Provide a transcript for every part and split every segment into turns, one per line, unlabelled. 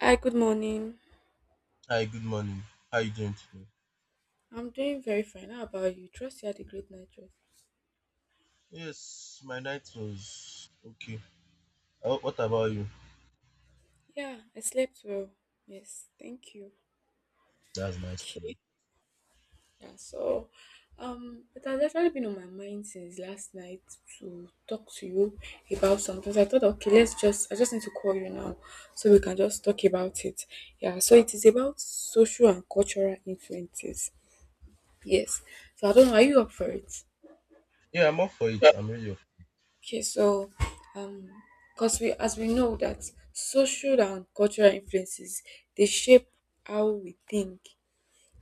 Hi, good morning.
Hi, good morning. How you doing today?
I'm doing very fine. How about you? Trust you had a great night rest.
Yes, my night was okay. What about you?
Yeah, I slept well. Yes, thank you.
That's nice to hear.
Okay. Yeah, so it has actually been on my mind since last night to talk to you about something. So I thought okay, let's just I just need to call you now so we can just talk about it. Yeah, so it is about social and cultural influences. Yes. So I don't know, are you up for it?
Yeah, I'm up for it. I'm really up.
Okay, so um, because we as we know that social and cultural influences they shape how we think,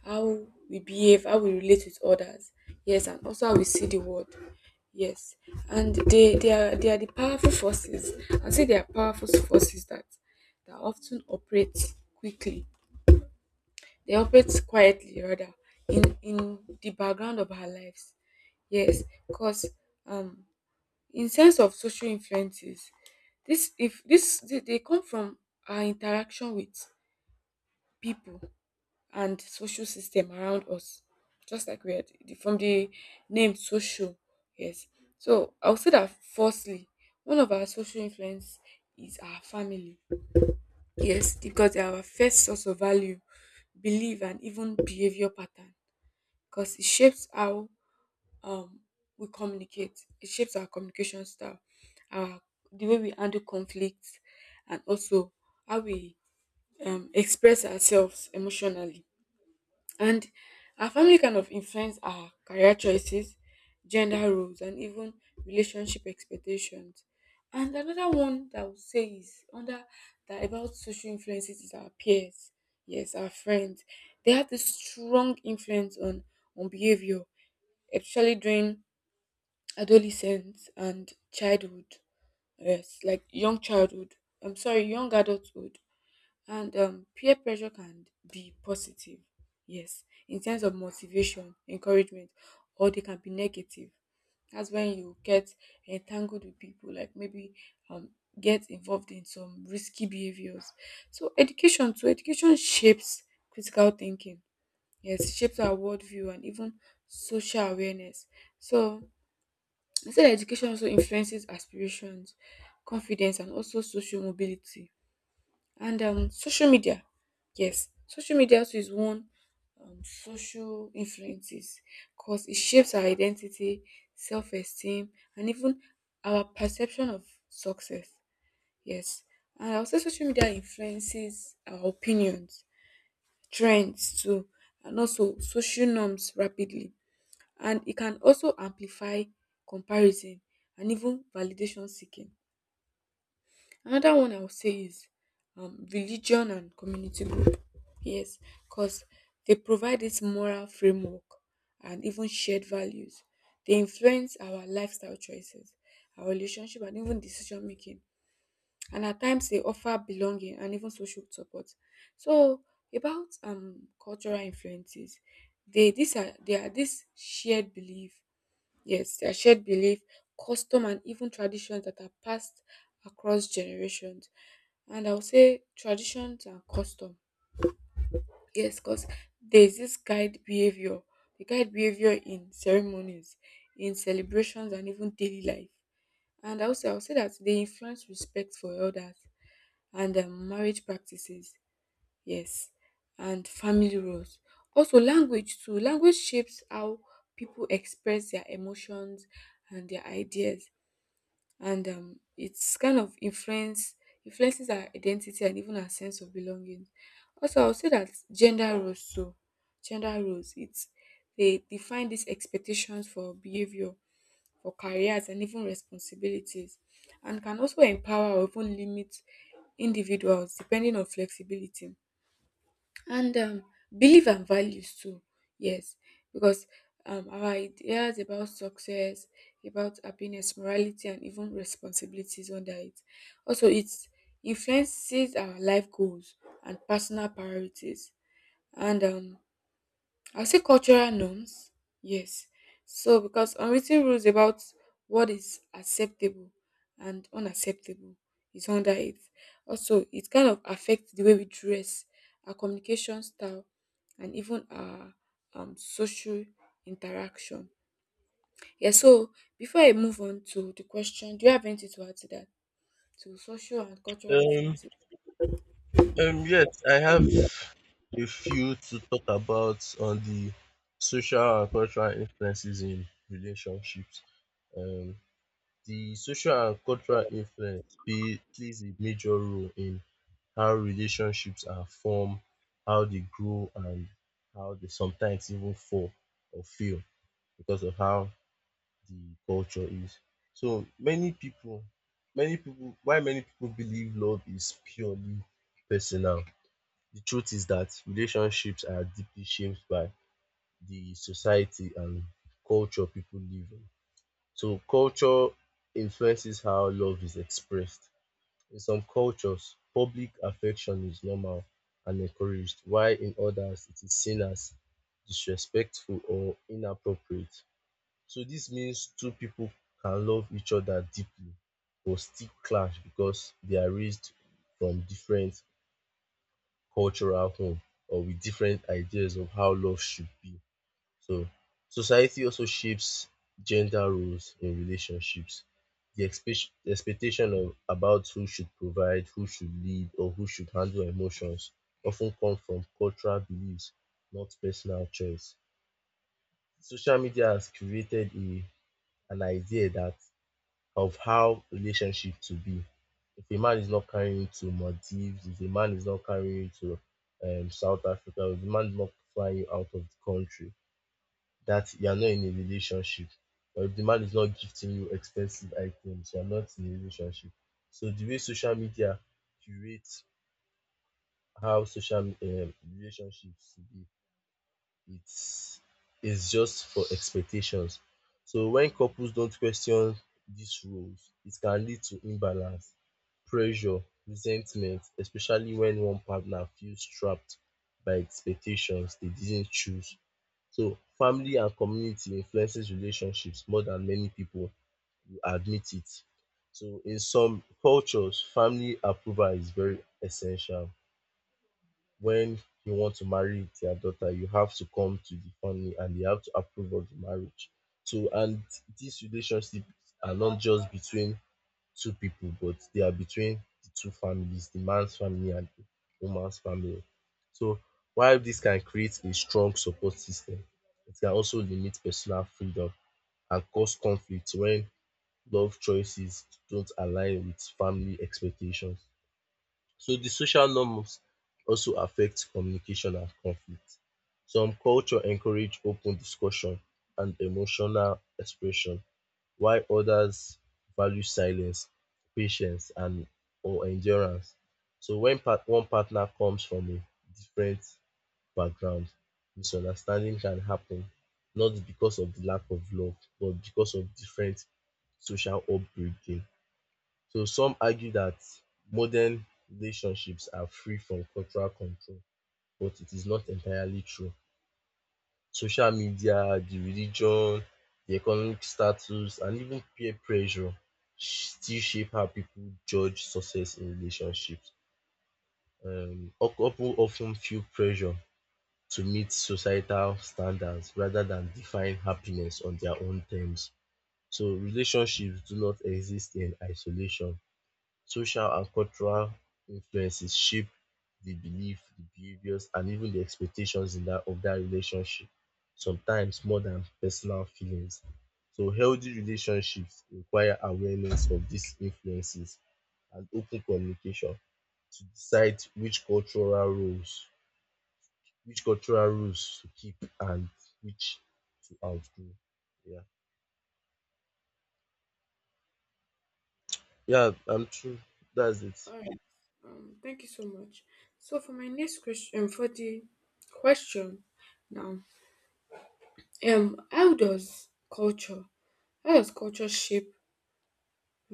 how we behave, how we relate with others. Yes, and also how we see the world. Yes, and they are the powerful forces. I say they are powerful forces that often operate quickly. They operate quietly rather in the background of our lives. Yes, because um in terms of social influences, this if this they come from our interaction with people and social system around us, just like from the name social. Yes. So I'll say that firstly, one of our social influence is our family. Yes, because they are our first source of value, belief, and even behavior pattern. Because it shapes how um we communicate. It shapes our communication style, our the way we handle conflicts, and also how we express ourselves emotionally. And our family kind of influence our career choices, gender roles, and even relationship expectations. And another one that I would say is under that about social influences is our peers. Yes, our friends. They have this strong influence on behavior, especially during adolescence and childhood, yes, like young childhood I'm sorry young adulthood. And peer pressure can be positive, yes, in terms of motivation, encouragement, or they can be negative. That's when you get entangled with people, like maybe um, get involved in some risky behaviors. So education too, education shapes critical thinking, yes, shapes our worldview and even social awareness. So I said education also influences aspirations, confidence, and also social mobility. And social media, yes, social media also is one social influences because it shapes our identity, self-esteem, and even our perception of success. Yes, and also social media influences our opinions, trends too, and also social norms rapidly, and it can also amplify comparison and even validation seeking. Another one I would say is religion and community group. Yes, because they provide this moral framework and even shared values. They influence our lifestyle choices, our relationship, and even decision making. And at times, they offer belonging and even social support. So, about cultural influences, they these are they are this shared belief. Yes, their shared belief, custom, and even traditions that are passed across generations. And I'll say traditions and custom. Yes, because there's this guide behavior, the guide behavior in ceremonies, in celebrations, and even daily life. And also, I'll say that they influence respect for elders and marriage practices. Yes, and family roles. Also, language too. Language shapes how people express their emotions and their ideas, and it's kind of influences our identity and even our sense of belonging. Also, I'll say that gender roles too. Gender roles. It's They define these expectations for behavior, for careers, and even responsibilities, and can also empower or even limit individuals depending on flexibility. And belief and values too, yes, because our ideas about success, about happiness, morality, and even responsibilities under it, also it influences our life goals and personal priorities. And I'll say cultural norms, yes. So, because unwritten rules about what is acceptable and unacceptable is under it. Also, it kind of affects the way we dress, our communication style, and even our social interaction. Yeah, so before I move on to the question, do you have anything to add to that? To social and cultural
Um,
influences?
yes, I have a few to talk about on the social and cultural influences in relationships. Um, the social and cultural plays a major role in how relationships are formed, how they grow, and how they sometimes even fall or fail. Because of how the culture is. So many people, why many people believe love is purely personal. The truth is that relationships are deeply shaped by the society and culture people live in. So culture influences how love is expressed. In some cultures, public affection is normal and encouraged, while in others it is seen as disrespectful or inappropriate. So this means two people can love each other deeply but still clash because they are raised from different cultural home or with different ideas of how love should be. So society also shapes gender roles in relationships. The expectation of about who should provide, who should lead, or who should handle emotions often come from cultural beliefs, not personal choice. Social media has created a an idea that of how relationship to be. If a man is not carrying you to Maldives, if a man is not carrying you to South Africa, if the man is not flying you out of the country, that you are not in a relationship. Or if the man is not gifting you expensive items, you are not in a relationship. So the way social media curates how social relationships should be it's it's just for expectations. So when couples don't question these rules, it can lead to imbalance, pressure, resentment, especially when one partner feels trapped by expectations they didn't choose. So family and community influences relationships more than many people will admit it. So in some cultures, family approval is very essential when you want to marry their daughter, you have to come to the family and they have to approve of the marriage. So, and these relationships are not just between two people, but they are between the two families, the man's family and the woman's family. So, while this can create a strong support system, it can also limit personal freedom and cause conflict when love choices don't align with family expectations. So the social norms also affect communication and conflict. Some culture encourage open discussion and emotional expression, while others value silence, patience and or endurance. So when part one partner comes from a different background, misunderstanding can happen, not because of the lack of love, but because of different social upbringing. So some argue that modern relationships are free from cultural control, but it is not entirely true. Social media, the religion, the economic status, and even peer pressure still shape how people judge success in relationships. Couple often feel pressure to meet societal standards rather than define happiness on their own terms. So relationships do not exist in isolation. Social and cultural influences shape the belief, the behaviors, and even the expectations in that of that relationship, sometimes more than personal feelings. So healthy relationships require awareness of these influences and open communication to decide which cultural roles which cultural rules to keep and which to outgrow. Yeah. Yeah, I'm true. That's it.
All right. Thank you so much. So for my next question, for the question now, how does culture, how does culture shape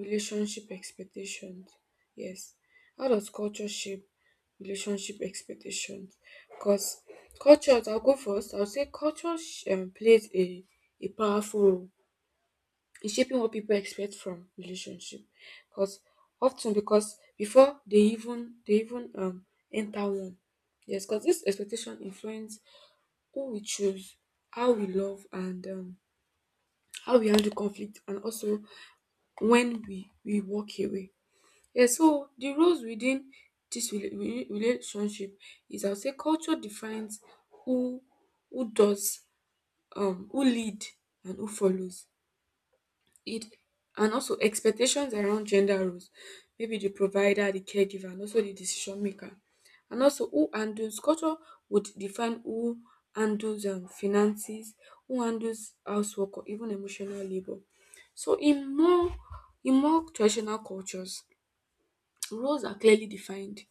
relationship expectations? Yes, how does culture shape relationship expectations? Because culture, I'll go first. I'll say culture plays a powerful role in shaping what people expect from relationship, because often, because before they even enter one. Yes, because this expectation influence who we choose, how we love, and how we handle conflict, and also when we walk away. Yeah, so the roles within this relationship is, I'll say culture defines who who does who lead and who follows it, and also expectations around gender roles, maybe the provider, the caregiver, and also the decision maker. And also who handles, culture would define who handles finances, who handles housework or even emotional labor. So in more, in more traditional cultures, roles are clearly defined,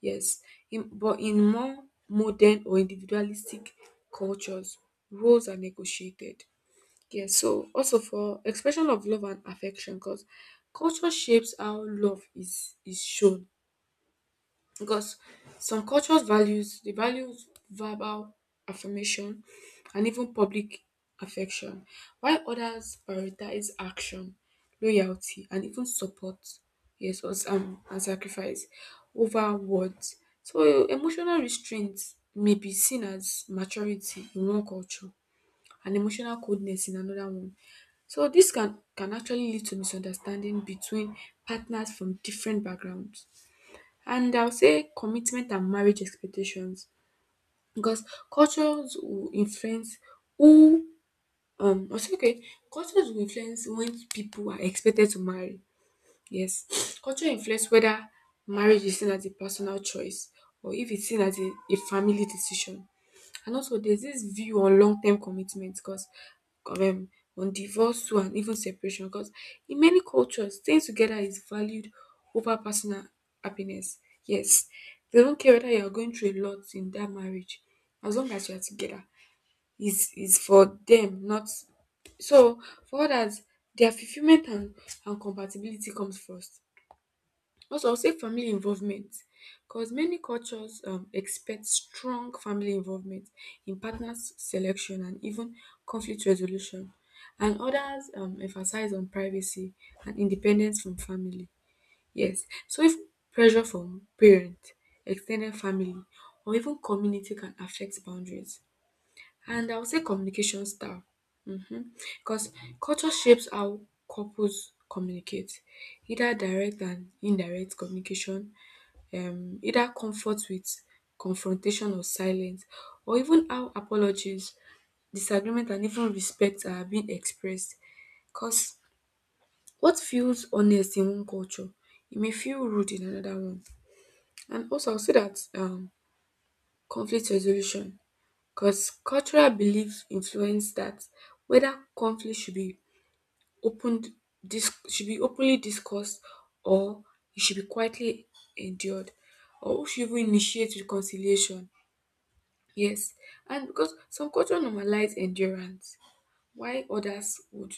yes, but in more modern or individualistic cultures, roles are negotiated. Yes, so also for expression of love and affection, because culture shapes how love is shown. Because some cultures values verbal affirmation and even public affection, while others prioritize action, loyalty, and even support. Yes, or and sacrifice over words. So emotional restraint may be seen as maturity in one culture and emotional coldness in another one, so this can actually lead to misunderstanding between partners from different backgrounds. And I'll say commitment and marriage expectations, because cultures will influence who, I'll say okay cultures will influence when people are expected to marry. Yes, culture influence whether marriage is seen as a personal choice or if it's seen as a family decision. And also, there's this view on long term commitment, because um, on divorce too and even separation. Because in many cultures, staying together is valued over personal happiness. Yes, they don't care whether you are going through a lot in that marriage, as long as you are together. Is for them, not so for others. Their fulfillment and compatibility comes first. Also, I'll say family involvement, because many cultures expect strong family involvement in partners selection and even conflict resolution, and others emphasize on privacy and independence from family. Yes, so if pressure from parent, extended family, or even community can affect boundaries, and I would say communication style. Mhm. Because culture shapes how couples communicate, either direct and indirect communication, either comfort with confrontation or silence, or even how apologies, disagreement, and even respect are being expressed. Because what feels honest in one culture, it may feel rude in another one. And also, I'll say that conflict resolution. 'Cause cultural beliefs influence that, whether conflict opened should be openly discussed, or it should be quietly endured, or who should even initiate reconciliation. Yes, and because some culture normalize endurance, why others would,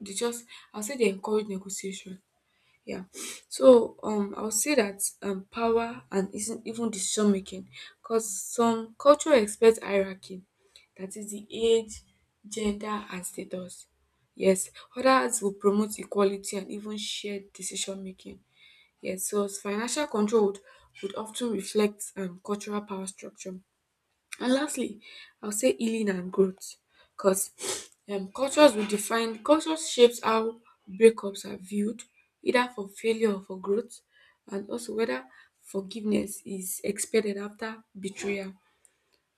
they just I'll say they encourage negotiation. Yeah. So I would say that power and isn't even decision making, because some culture expect hierarchy, that is the age, gender, and status. Yes, others will promote equality and even shared decision making. Yes, so financial control would often reflect cultural power structure. And lastly, I'll say healing and growth, because cultures will define, cultures shapes how breakups are viewed, either for failure or for growth, and also whether forgiveness is expected after betrayal,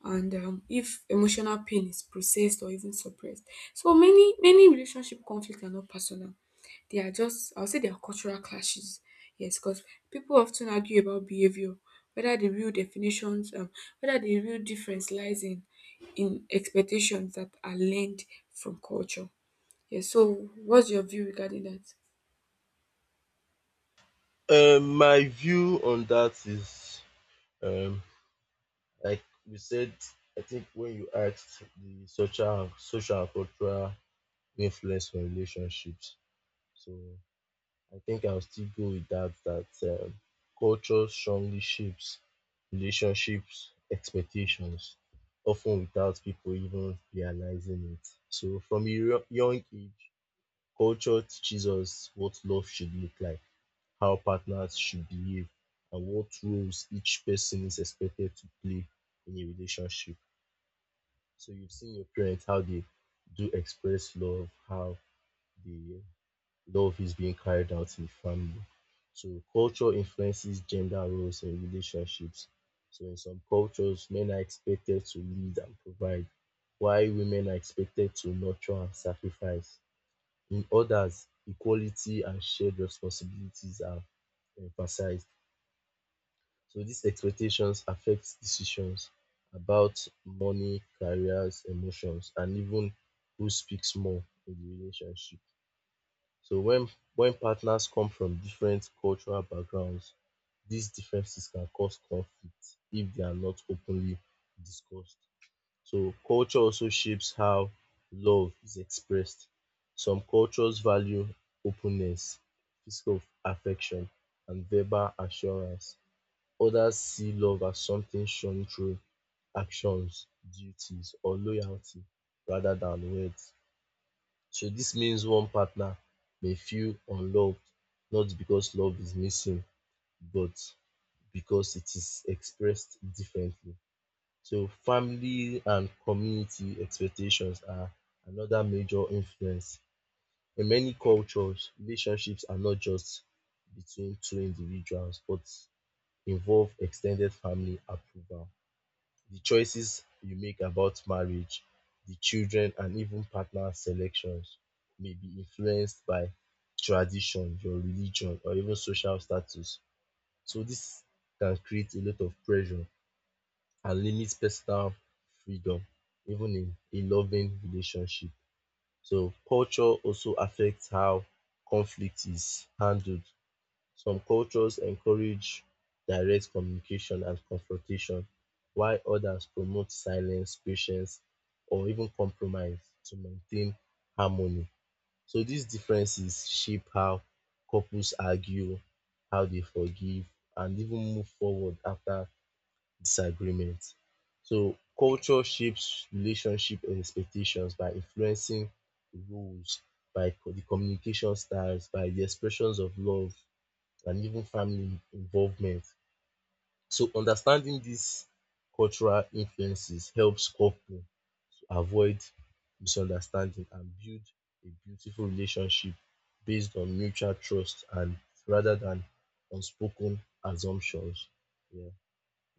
and if emotional pain is processed or even suppressed. So many, many relationship conflicts are not personal. They are just, I'll say they are cultural clashes. Yes, because people often argue about behavior, whether the real definitions, um, whether the real difference lies in expectations that are learned from culture. Yes. So what's your view regarding that?
My view on that is um like we said, I think when you asked the social and cultural influence on relationships, so I think I'll still go with that. That culture strongly shapes relationships expectations, often without people even realizing it. So from a young age, culture teaches us what love should look like, how partners should behave, and what roles each person is expected to play in a relationship. So you've seen your parents how they do express love, how the love is being carried out in the family. So culture influences gender roles and relationships. So in some cultures, men are expected to lead and provide, while women are expected to nurture and sacrifice. In others, equality and shared responsibilities are emphasized. So these expectations affect decisions about money, careers, emotions and even who speaks more in the relationship. So when partners come from different cultural backgrounds, these differences can cause conflict if they are not openly discussed. So culture also shapes how love is expressed. Some cultures value openness, physical affection and verbal assurance. Others see love as something shown through actions, duties, or loyalty rather than words. So this means one partner may feel unloved not because love is missing, but because it is expressed differently. So family and community expectations are another major influence. In many cultures, relationships are not just between two individuals, but involve extended family approval the choices you make about marriage, the children, and even partner selections may be influenced by tradition, your religion, or even social status. So this can create a lot of pressure and limit personal freedom, even in a loving relationship. So culture also affects how conflict is handled. Some cultures encourage direct communication and confrontation, while others promote silence, patience, or even compromise to maintain harmony. So these differences shape how couples argue, how they forgive, and even move forward after disagreement. So culture shapes relationship expectations by influencing the rules, by the communication styles, by the expressions of love, and even family involvement. So understanding these cultural influences helps couples to avoid misunderstanding and build a beautiful relationship based on mutual trust and rather than unspoken assumptions. Yeah,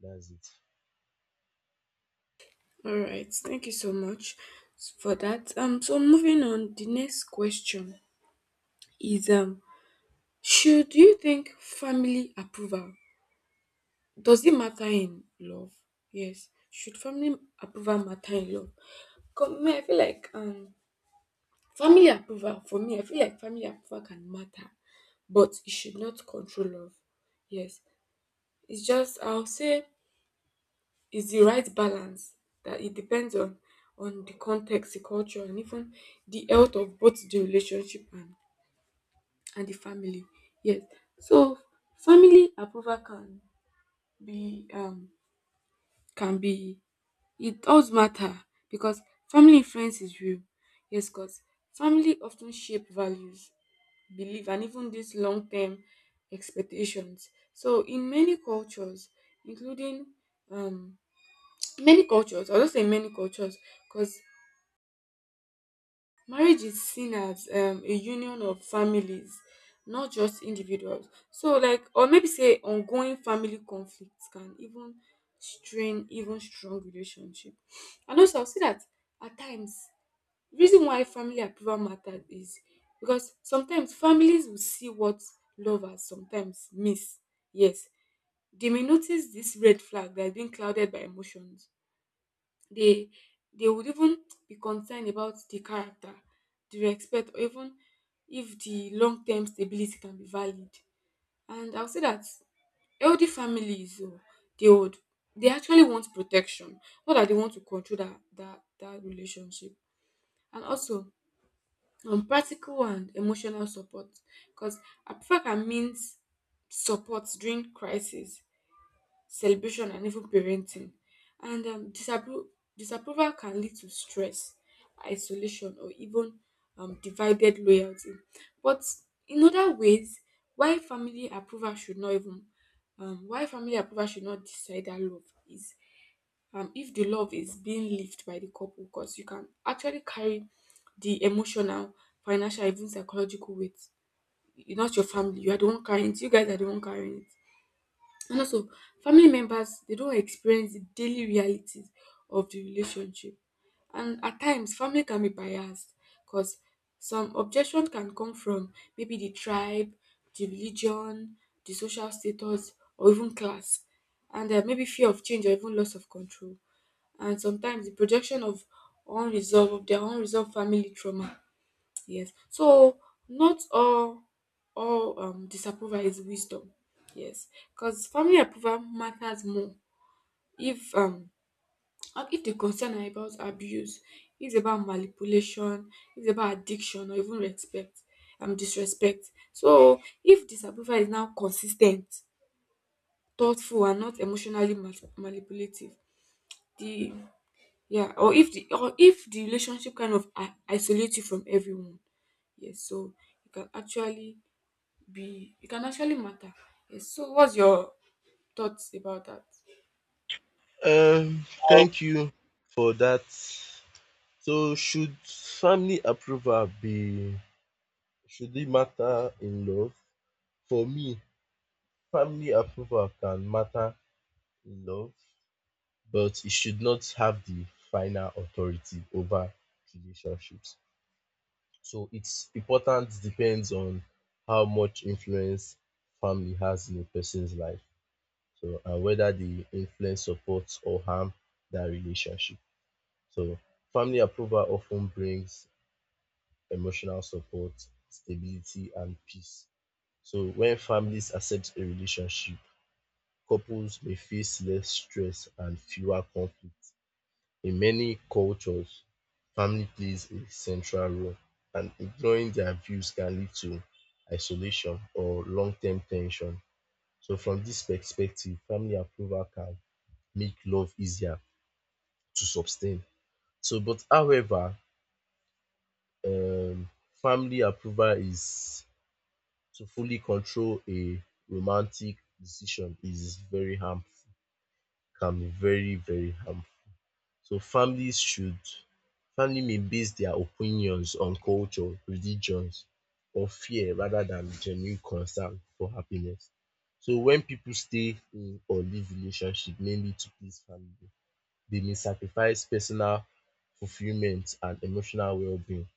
that's it.
All right. Thank you so much for that. So moving on, the next question is should you think family approval, does it matter in love? Yes. Should family approval matter in love? 'Cause me, I feel like family approval, for me, I feel like family approval can matter, but it should not control love. Yes. It's just, I'll say it's the right balance, that it depends on the context, the culture, and even the health of both the relationship and the family. Yes. So family approval can be um be, it does matter because family influence is real. Yes, because family often shape values, belief, and even these long term expectations. So, in many cultures, including um, I'll just say many cultures, because marriage is seen as a union of families, not just individuals. So, like, or maybe say ongoing family conflicts can even strain even strong relationship. And also, I'll say that at times, reason why family approval matters is because sometimes families will see what lovers sometimes miss. Yes, they may notice this red flag that is being clouded by emotions, they they would even be concerned about the character, the respect, or even if the long term stability can be valid. And I'll say that healthy families, oh, they would they actually want protection, not that they want to control that relationship. And also practical and emotional support, because Africa means support during crisis, celebration, and even parenting. And disapproval can lead to stress, isolation, or even divided loyalty. But in other ways, why family approval should not even why family approval should not decide that love is if the love is being lived by the couple, because you can actually carry the emotional, financial, even psychological weight. You're not your family, you are the one carrying it, you guys are the one carrying it. And also, family members, they don't experience the daily realities of the relationship, and at times family can be biased, because some objection can come from maybe the tribe, the religion, the social status, or even class, and maybe fear of change or even loss of control, and sometimes the projection of unresolved of their unresolved family trauma. Yes. So not all disapproval is wisdom. Yes. Because family approval matters more if and if the concern are about abuse, it's about manipulation, it's about addiction or even respect, um, disrespect. So if disapproval is now consistent, thoughtful and not emotionally manipulative, the yeah, or if the relationship kind of isolates you from everyone. Yes, so you can actually be it can actually matter. Yes. So what's your thoughts about that?
Thank you for that. So, should family approval be should it matter in love? For me, family approval can matter in love, but it should not have the final authority over relationships. So its importance depends on how much influence family has in a person's life. So and whether the influence supports or harm that relationship. So family approval often brings emotional support, stability and peace. So when families accept a relationship, couples may face less stress and fewer conflicts. In many cultures, family plays a central role, and ignoring their views can lead to isolation or long term tension. So, from this perspective, family approval can make love easier to sustain. So, but however, um, family approval is to fully control a romantic decision is very harmful, can be very, very harmful. So families should family may base their opinions on culture, religions or fear rather than genuine concern for happiness. So when pipu stay in or leave relationship mainly to please family, they may sacrifice personal fulfilment and emotional wellbeing.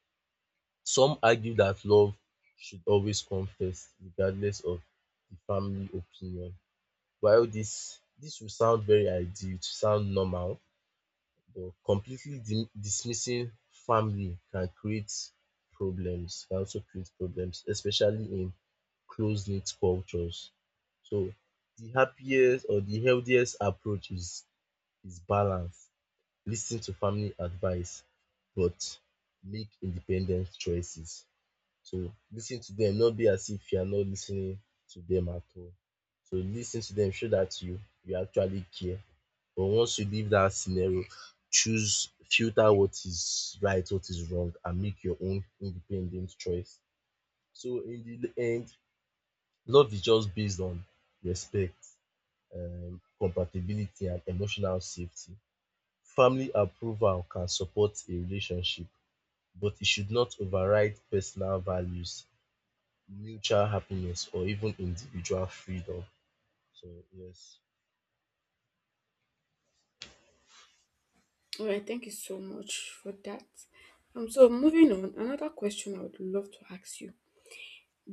Some argue that love should always come first regardless of the family opinion. While dis will sound very ideal, it will sound normal. But completely dismissing family can create problems, can also create problems, especially in close knit cultures. So the happiest or the healthiest approach is balance. Lis to family advice but make independent choices. So listening to them, not be as if you are not listening to them at all. So listening to them show that you actually care. But once you leave that scenario, choose filter what is right, what is wrong, and make your own independent choice. So in the end, love is just based on respect, compatibility, and emotional safety. Family approval can support a relationship, but it should not override personal values mutual happiness or even individual freedom. So yes,
All right, thank you so much for that. So moving on, another question I would love to ask you,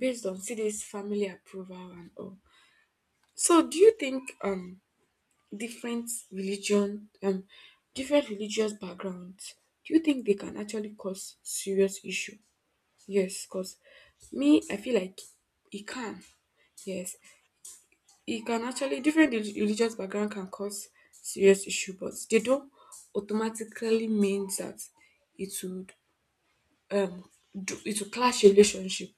based on see this family approval and all. So do you think different religion um different religious backgrounds, do you think they can actually cause serious issue? Yes, cause me, I feel like it can. Yes, it can actually — different religious background can cause serious issue, but they don't automatically mean that it would um it will clash relationship,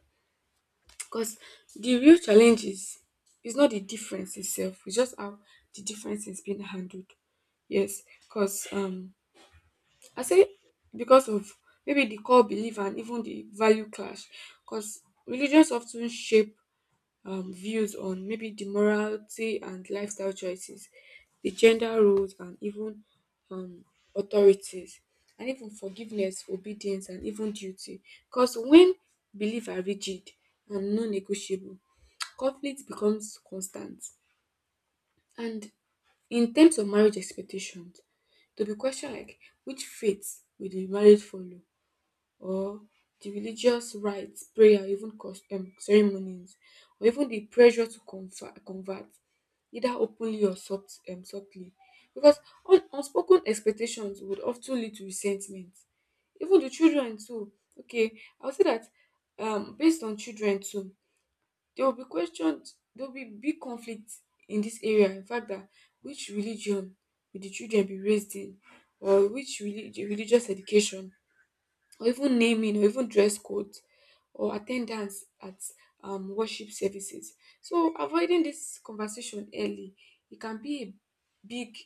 because the real challenge is not the difference itself, it's just how the difference is being handled. Yes because um i say because of maybe the core belief and even the value clash, because religions often shape views on maybe the morality and lifestyle choices, the gender roles, and even um, authorities, and even forgiveness, obedience, and even duty. Because when beliefs are rigid and non negotiable, conflict becomes constant. And in terms of marriage expectations, there'll be questions like which faith will the marriage follow, or the religious rites, prayer, even ceremonies, or even the pressure to convert either openly or softly, because unspoken expectations would often lead to resentment. Even the children too. Okay, I'll say that based on children too, there will be questioned. There will be big conflict in this area. In fact, that which religion will the children be raised in, or which religious education, or even naming, or even dress codes, or attendance at worship services. So avoiding this conversation early, it can be a big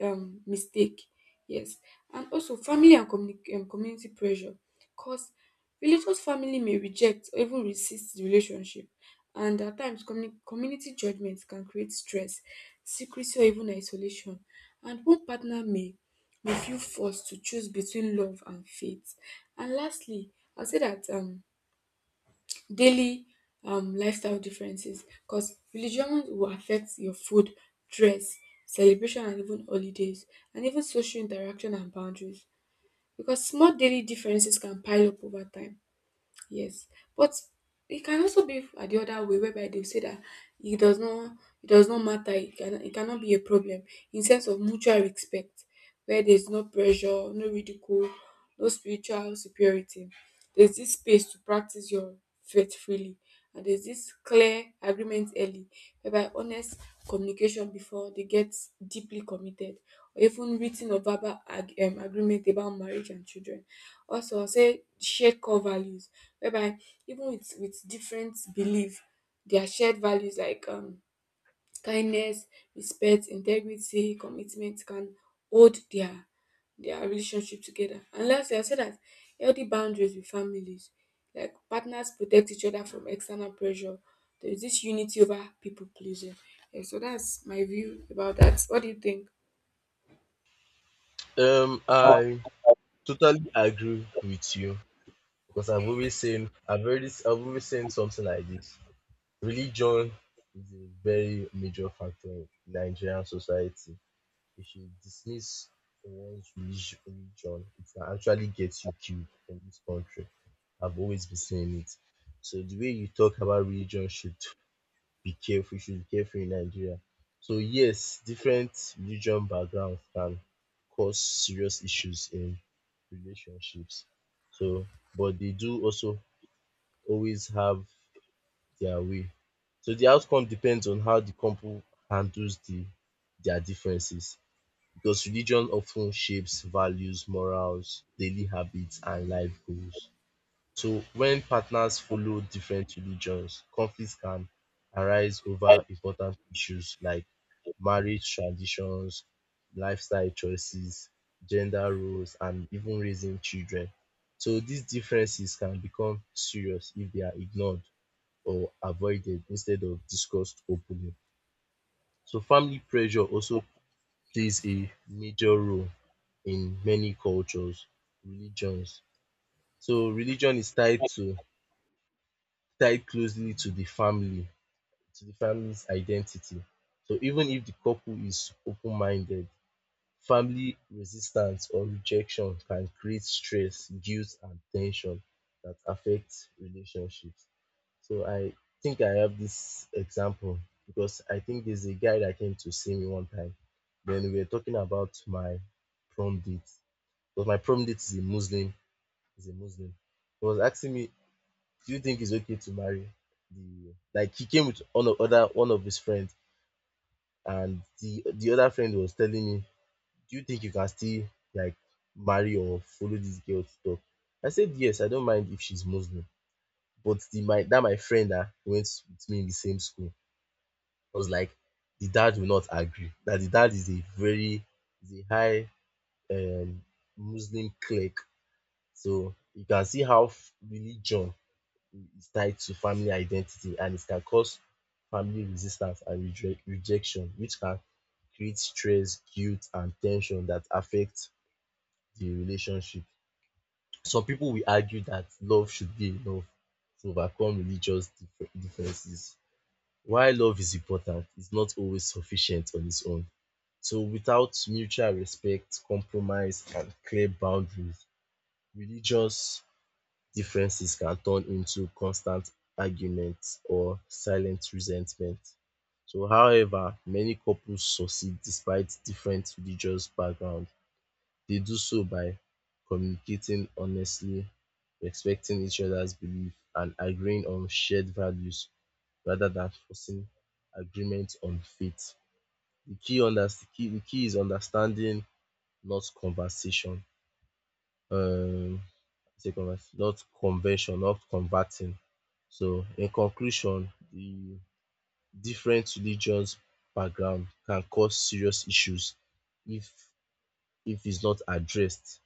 mistake. Yes, and also family and community pressure, because religious family may reject or even resist the relationship, and at times community judgments can create stress, secrecy, or even isolation, and one partner may we feel forced to choose between love and faith. And lastly, I'll say that daily lifestyle differences, because religion will affect your food, dress, celebration, and even holidays, and even social interaction and boundaries. Because small daily differences can pile up over time. Yes, but it can also be the other way whereby they say that it does not it does not matter. It cannot be a problem in sense of mutual respect, where there's no pressure, no ridicule, no spiritual superiority. There's this space to practice your faith freely, and there's this clear agreement early, whereby honest communication before they get deeply committed, or even written or verbal agreement about marriage and children. Also, I'll say shared core values, whereby even with different belief, their shared values like kindness, respect, integrity, commitment can hold their relationship together. And lastly, I said that healthy boundaries with families, like partners protect each other from external pressure, there is this unity over people pleasing. Yeah, so that's my view about that. What do you think?
I totally agree with you because I've always seen something like this. Religion is a very major factor in Nigerian society. If you dismiss one's religion, it can actually get you killed in this country. I've always been saying it. So the way you talk about religion should be careful. You should be careful in Nigeria. So yes, different religion backgrounds can cause serious issues in relationships. So, but they do also always have their way. So the outcome depends on how the couple handles their differences because religion often shapes values, morals, daily habits, and life goals. So when partners follow different religions, conflicts can arise over important issues like marriage traditions, lifestyle choices, gender roles, and even raising children. So these differences can become serious if they are ignored or avoided instead of discussed openly. So family pressure also plays a major role in many cultures, religions. So religion is tied closely to the family to the family's identity. So even if the couple is open-minded, family resistance or rejection can create stress, guilt and tension that affects relationships. So I think I have this example because I think there's a guy that came to see me one time. Then we were talking about my prom date. Because my prom date is a Muslim, is a Muslim. He was asking me do you think it's okay to marry the like he came with one of other one of his friends and the other friend was telling me, do you think you can still like marry or follow this girl to talk? I said yes, I don't mind if she's Muslim. But the my that my friend that went with me in the same school was like the dad will not agree. That the dad is a very is a high um Muslim cleric. So you can see how religion is tied to family identity and it can cause family resistance and rejection, which can create stress, guilt, and tension that affect the relationship. Some people will argue that love should be enough to overcome religious differences. While love is important, it's not always sufficient on its own. So, without mutual respect, compromise, and clear boundaries, religious differences can turn into constant arguments or silent resentment. So, however, many couples succeed despite different religious background. They do so by communicating honestly, respecting each other's belief, and agreeing on shared values rather than forcing agreement on faith. The key unders- the key is understanding, not conversation. Um, not convention, not converting. So, in conclusion, the different religious background can cause serious issues if if it's not addressed.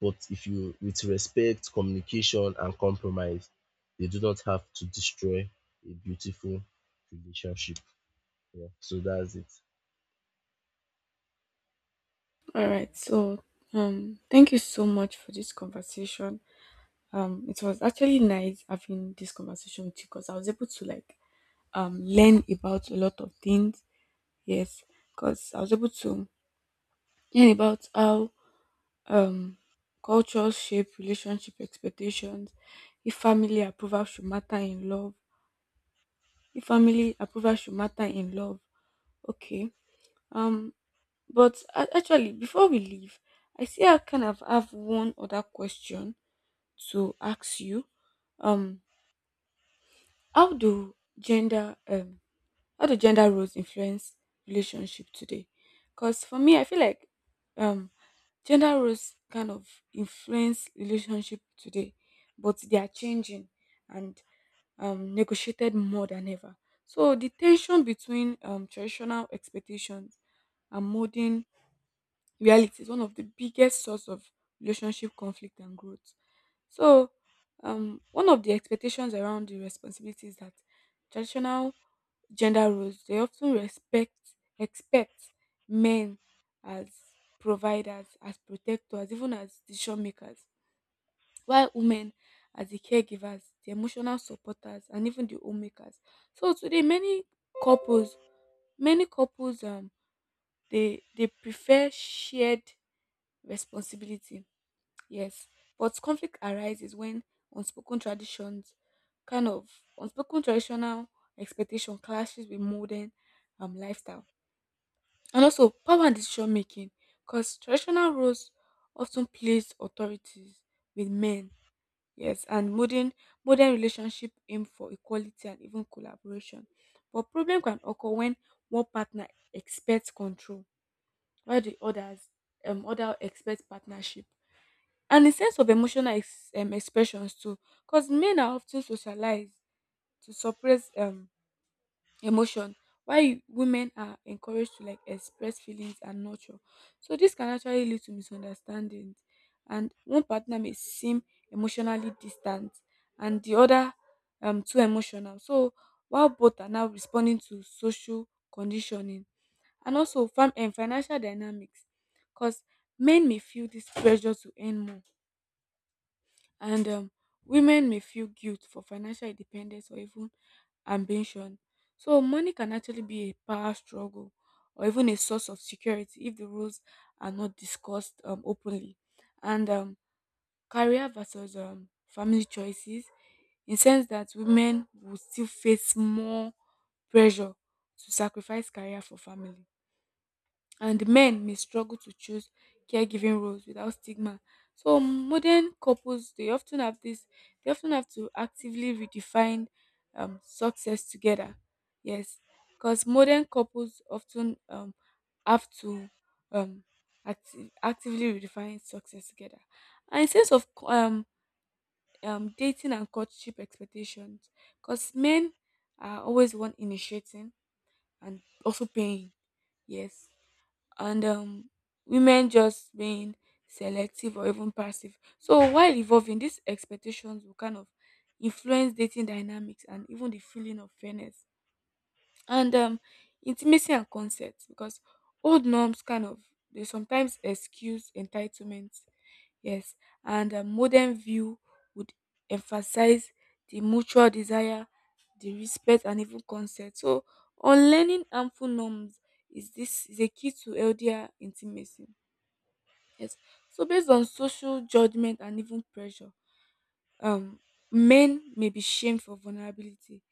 But if you with respect, communication and compromise, they do not have to destroy a beautiful relationship. Yeah, so that's it.
All right, so thank you so much for this conversation. It was actually nice having this conversation with you because I was able to learn about a lot of things. Yes, because I was able to learn about how um cultures shape relationship expectations, if family approval should matter in love, if family approval should matter in love. Okay. Um, but actually, before we leave, I see I kind of have one other question to ask you. Um, How do gender um how do gender roles influence relationship today? Because for me, I feel like um gender roles kind of influence relationship today, but they are changing and negotiated more than ever. So the tension between traditional expectations and modern reality is one of the biggest source of relationship conflict and growth. So, one of the expectations around the responsibility is that traditional gender roles, they often respect expect men as providers, as protectors, even as decision makers, while women as the caregivers, the emotional supporters, and even the homemakers. So today, couples, many couples, they prefer shared responsibility. Yes, but conflict arises when unspoken traditions, kind of unspoken traditional expectation clashes with modern lifestyle. And also power and decision making, because traditional roles often place authorities with men. Yes, and modern relationship aim for equality and even collaboration. But problem can occur when one partner expects control, while the other expects partnership, and a sense of emotional expressions too, because men are often socialized to suppress emotion, while women are encouraged to like express feelings and nurture. So this can actually lead to misunderstandings, and one partner may seem emotionally distant and the other too emotional, so while both are now responding to social conditioning. And also fam- and financial dynamics, because men may feel this pressure to earn more, and women may feel guilt for financial independence or even ambition. So money can actually be a power struggle or even a source of security if the rules are not discussed openly. And career versus family choices, in sense that women will still face more pressure to sacrifice career for family, and men may struggle to choose caregiving roles without stigma. So modern couples, they often have to actively redefine success together. Yes, because modern couples often have to um, actively redefine success together. And in sense of dating and courtship expectations, because men are always the one initiating and also paying. Yes, and women just being selective or even passive. So while evolving, these expectations will kind of influence dating dynamics and even the feeling of fairness, and intimacy and consent, because old norms kind of they sometimes excuse entitlement. Yes, and a modern view would emphasize the mutual desire, the respect, and even consent. So unlearning harmful norms is this is a key to healthier intimacy. Yes. So based on social judgment and even pressure, um, men may be shamed for vulnerability,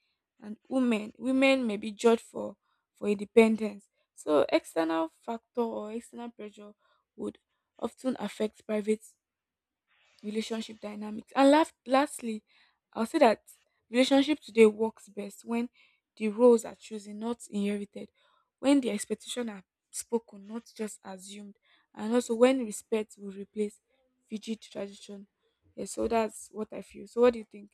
and women may be judged for independence. So external factor or external pressure would often affect private relationship dynamics. And lastly, I'll say that relationship today works best when the roles are chosen, not inherited, when the expectations are spoken, not just assumed, and also when respect will replace rigid tradition. Yeah, so that's what I feel. So what do you think?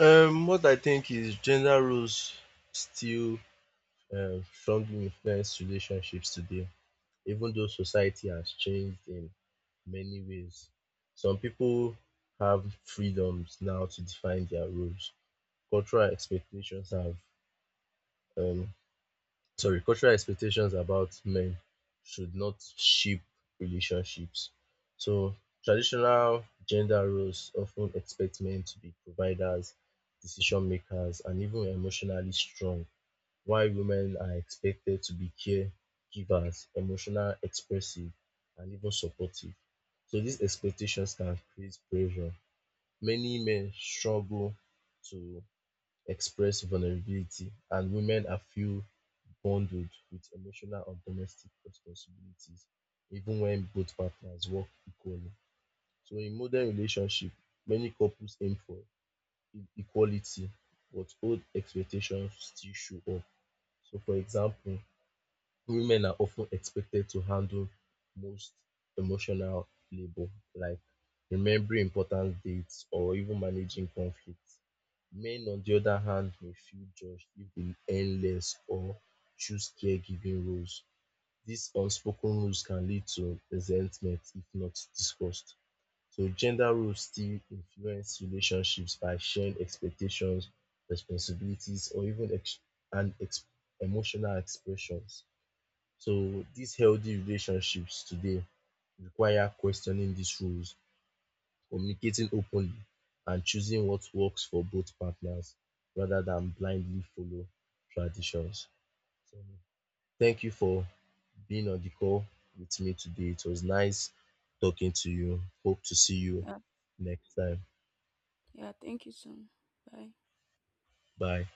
What I think is gender roles still strongly influence relationships today, even though society has changed in many ways. Some people have freedoms now to define their roles. Cultural expectations have um cultural expectations about men should not shape relationships. So traditional gender roles often expect men to be providers, decision makers, and even emotionally strong. Why women are expected to be caregivers, emotional, expressive and even supportive. So these expectations can create pressure. Many men struggle to express vulnerability and women are feel bundled with emotional and domestic responsibilities even when both partners work equally. So in modern relationship, many couples aim for equality but old expectations still show up. So for example, women are often expected to handle most emotional labor, like remembering important dates or even managing conflicts. Men, on the other hand, may feel judged if they earn less or choose caregiving roles. These unspoken rules can lead to resentment if not discussed. So, gender roles still influence relationships by sharing expectations, responsibilities, or even and ex- emotional expressions. So these healthy relationships today require questioning these rules, communicating openly, and choosing what works for both partners rather than blindly follow traditions. So thank you for being on the call with me today. It was nice talking to you. Hope to see you
Yeah,
next time.
yeah, thank you so. Bye.
Bye.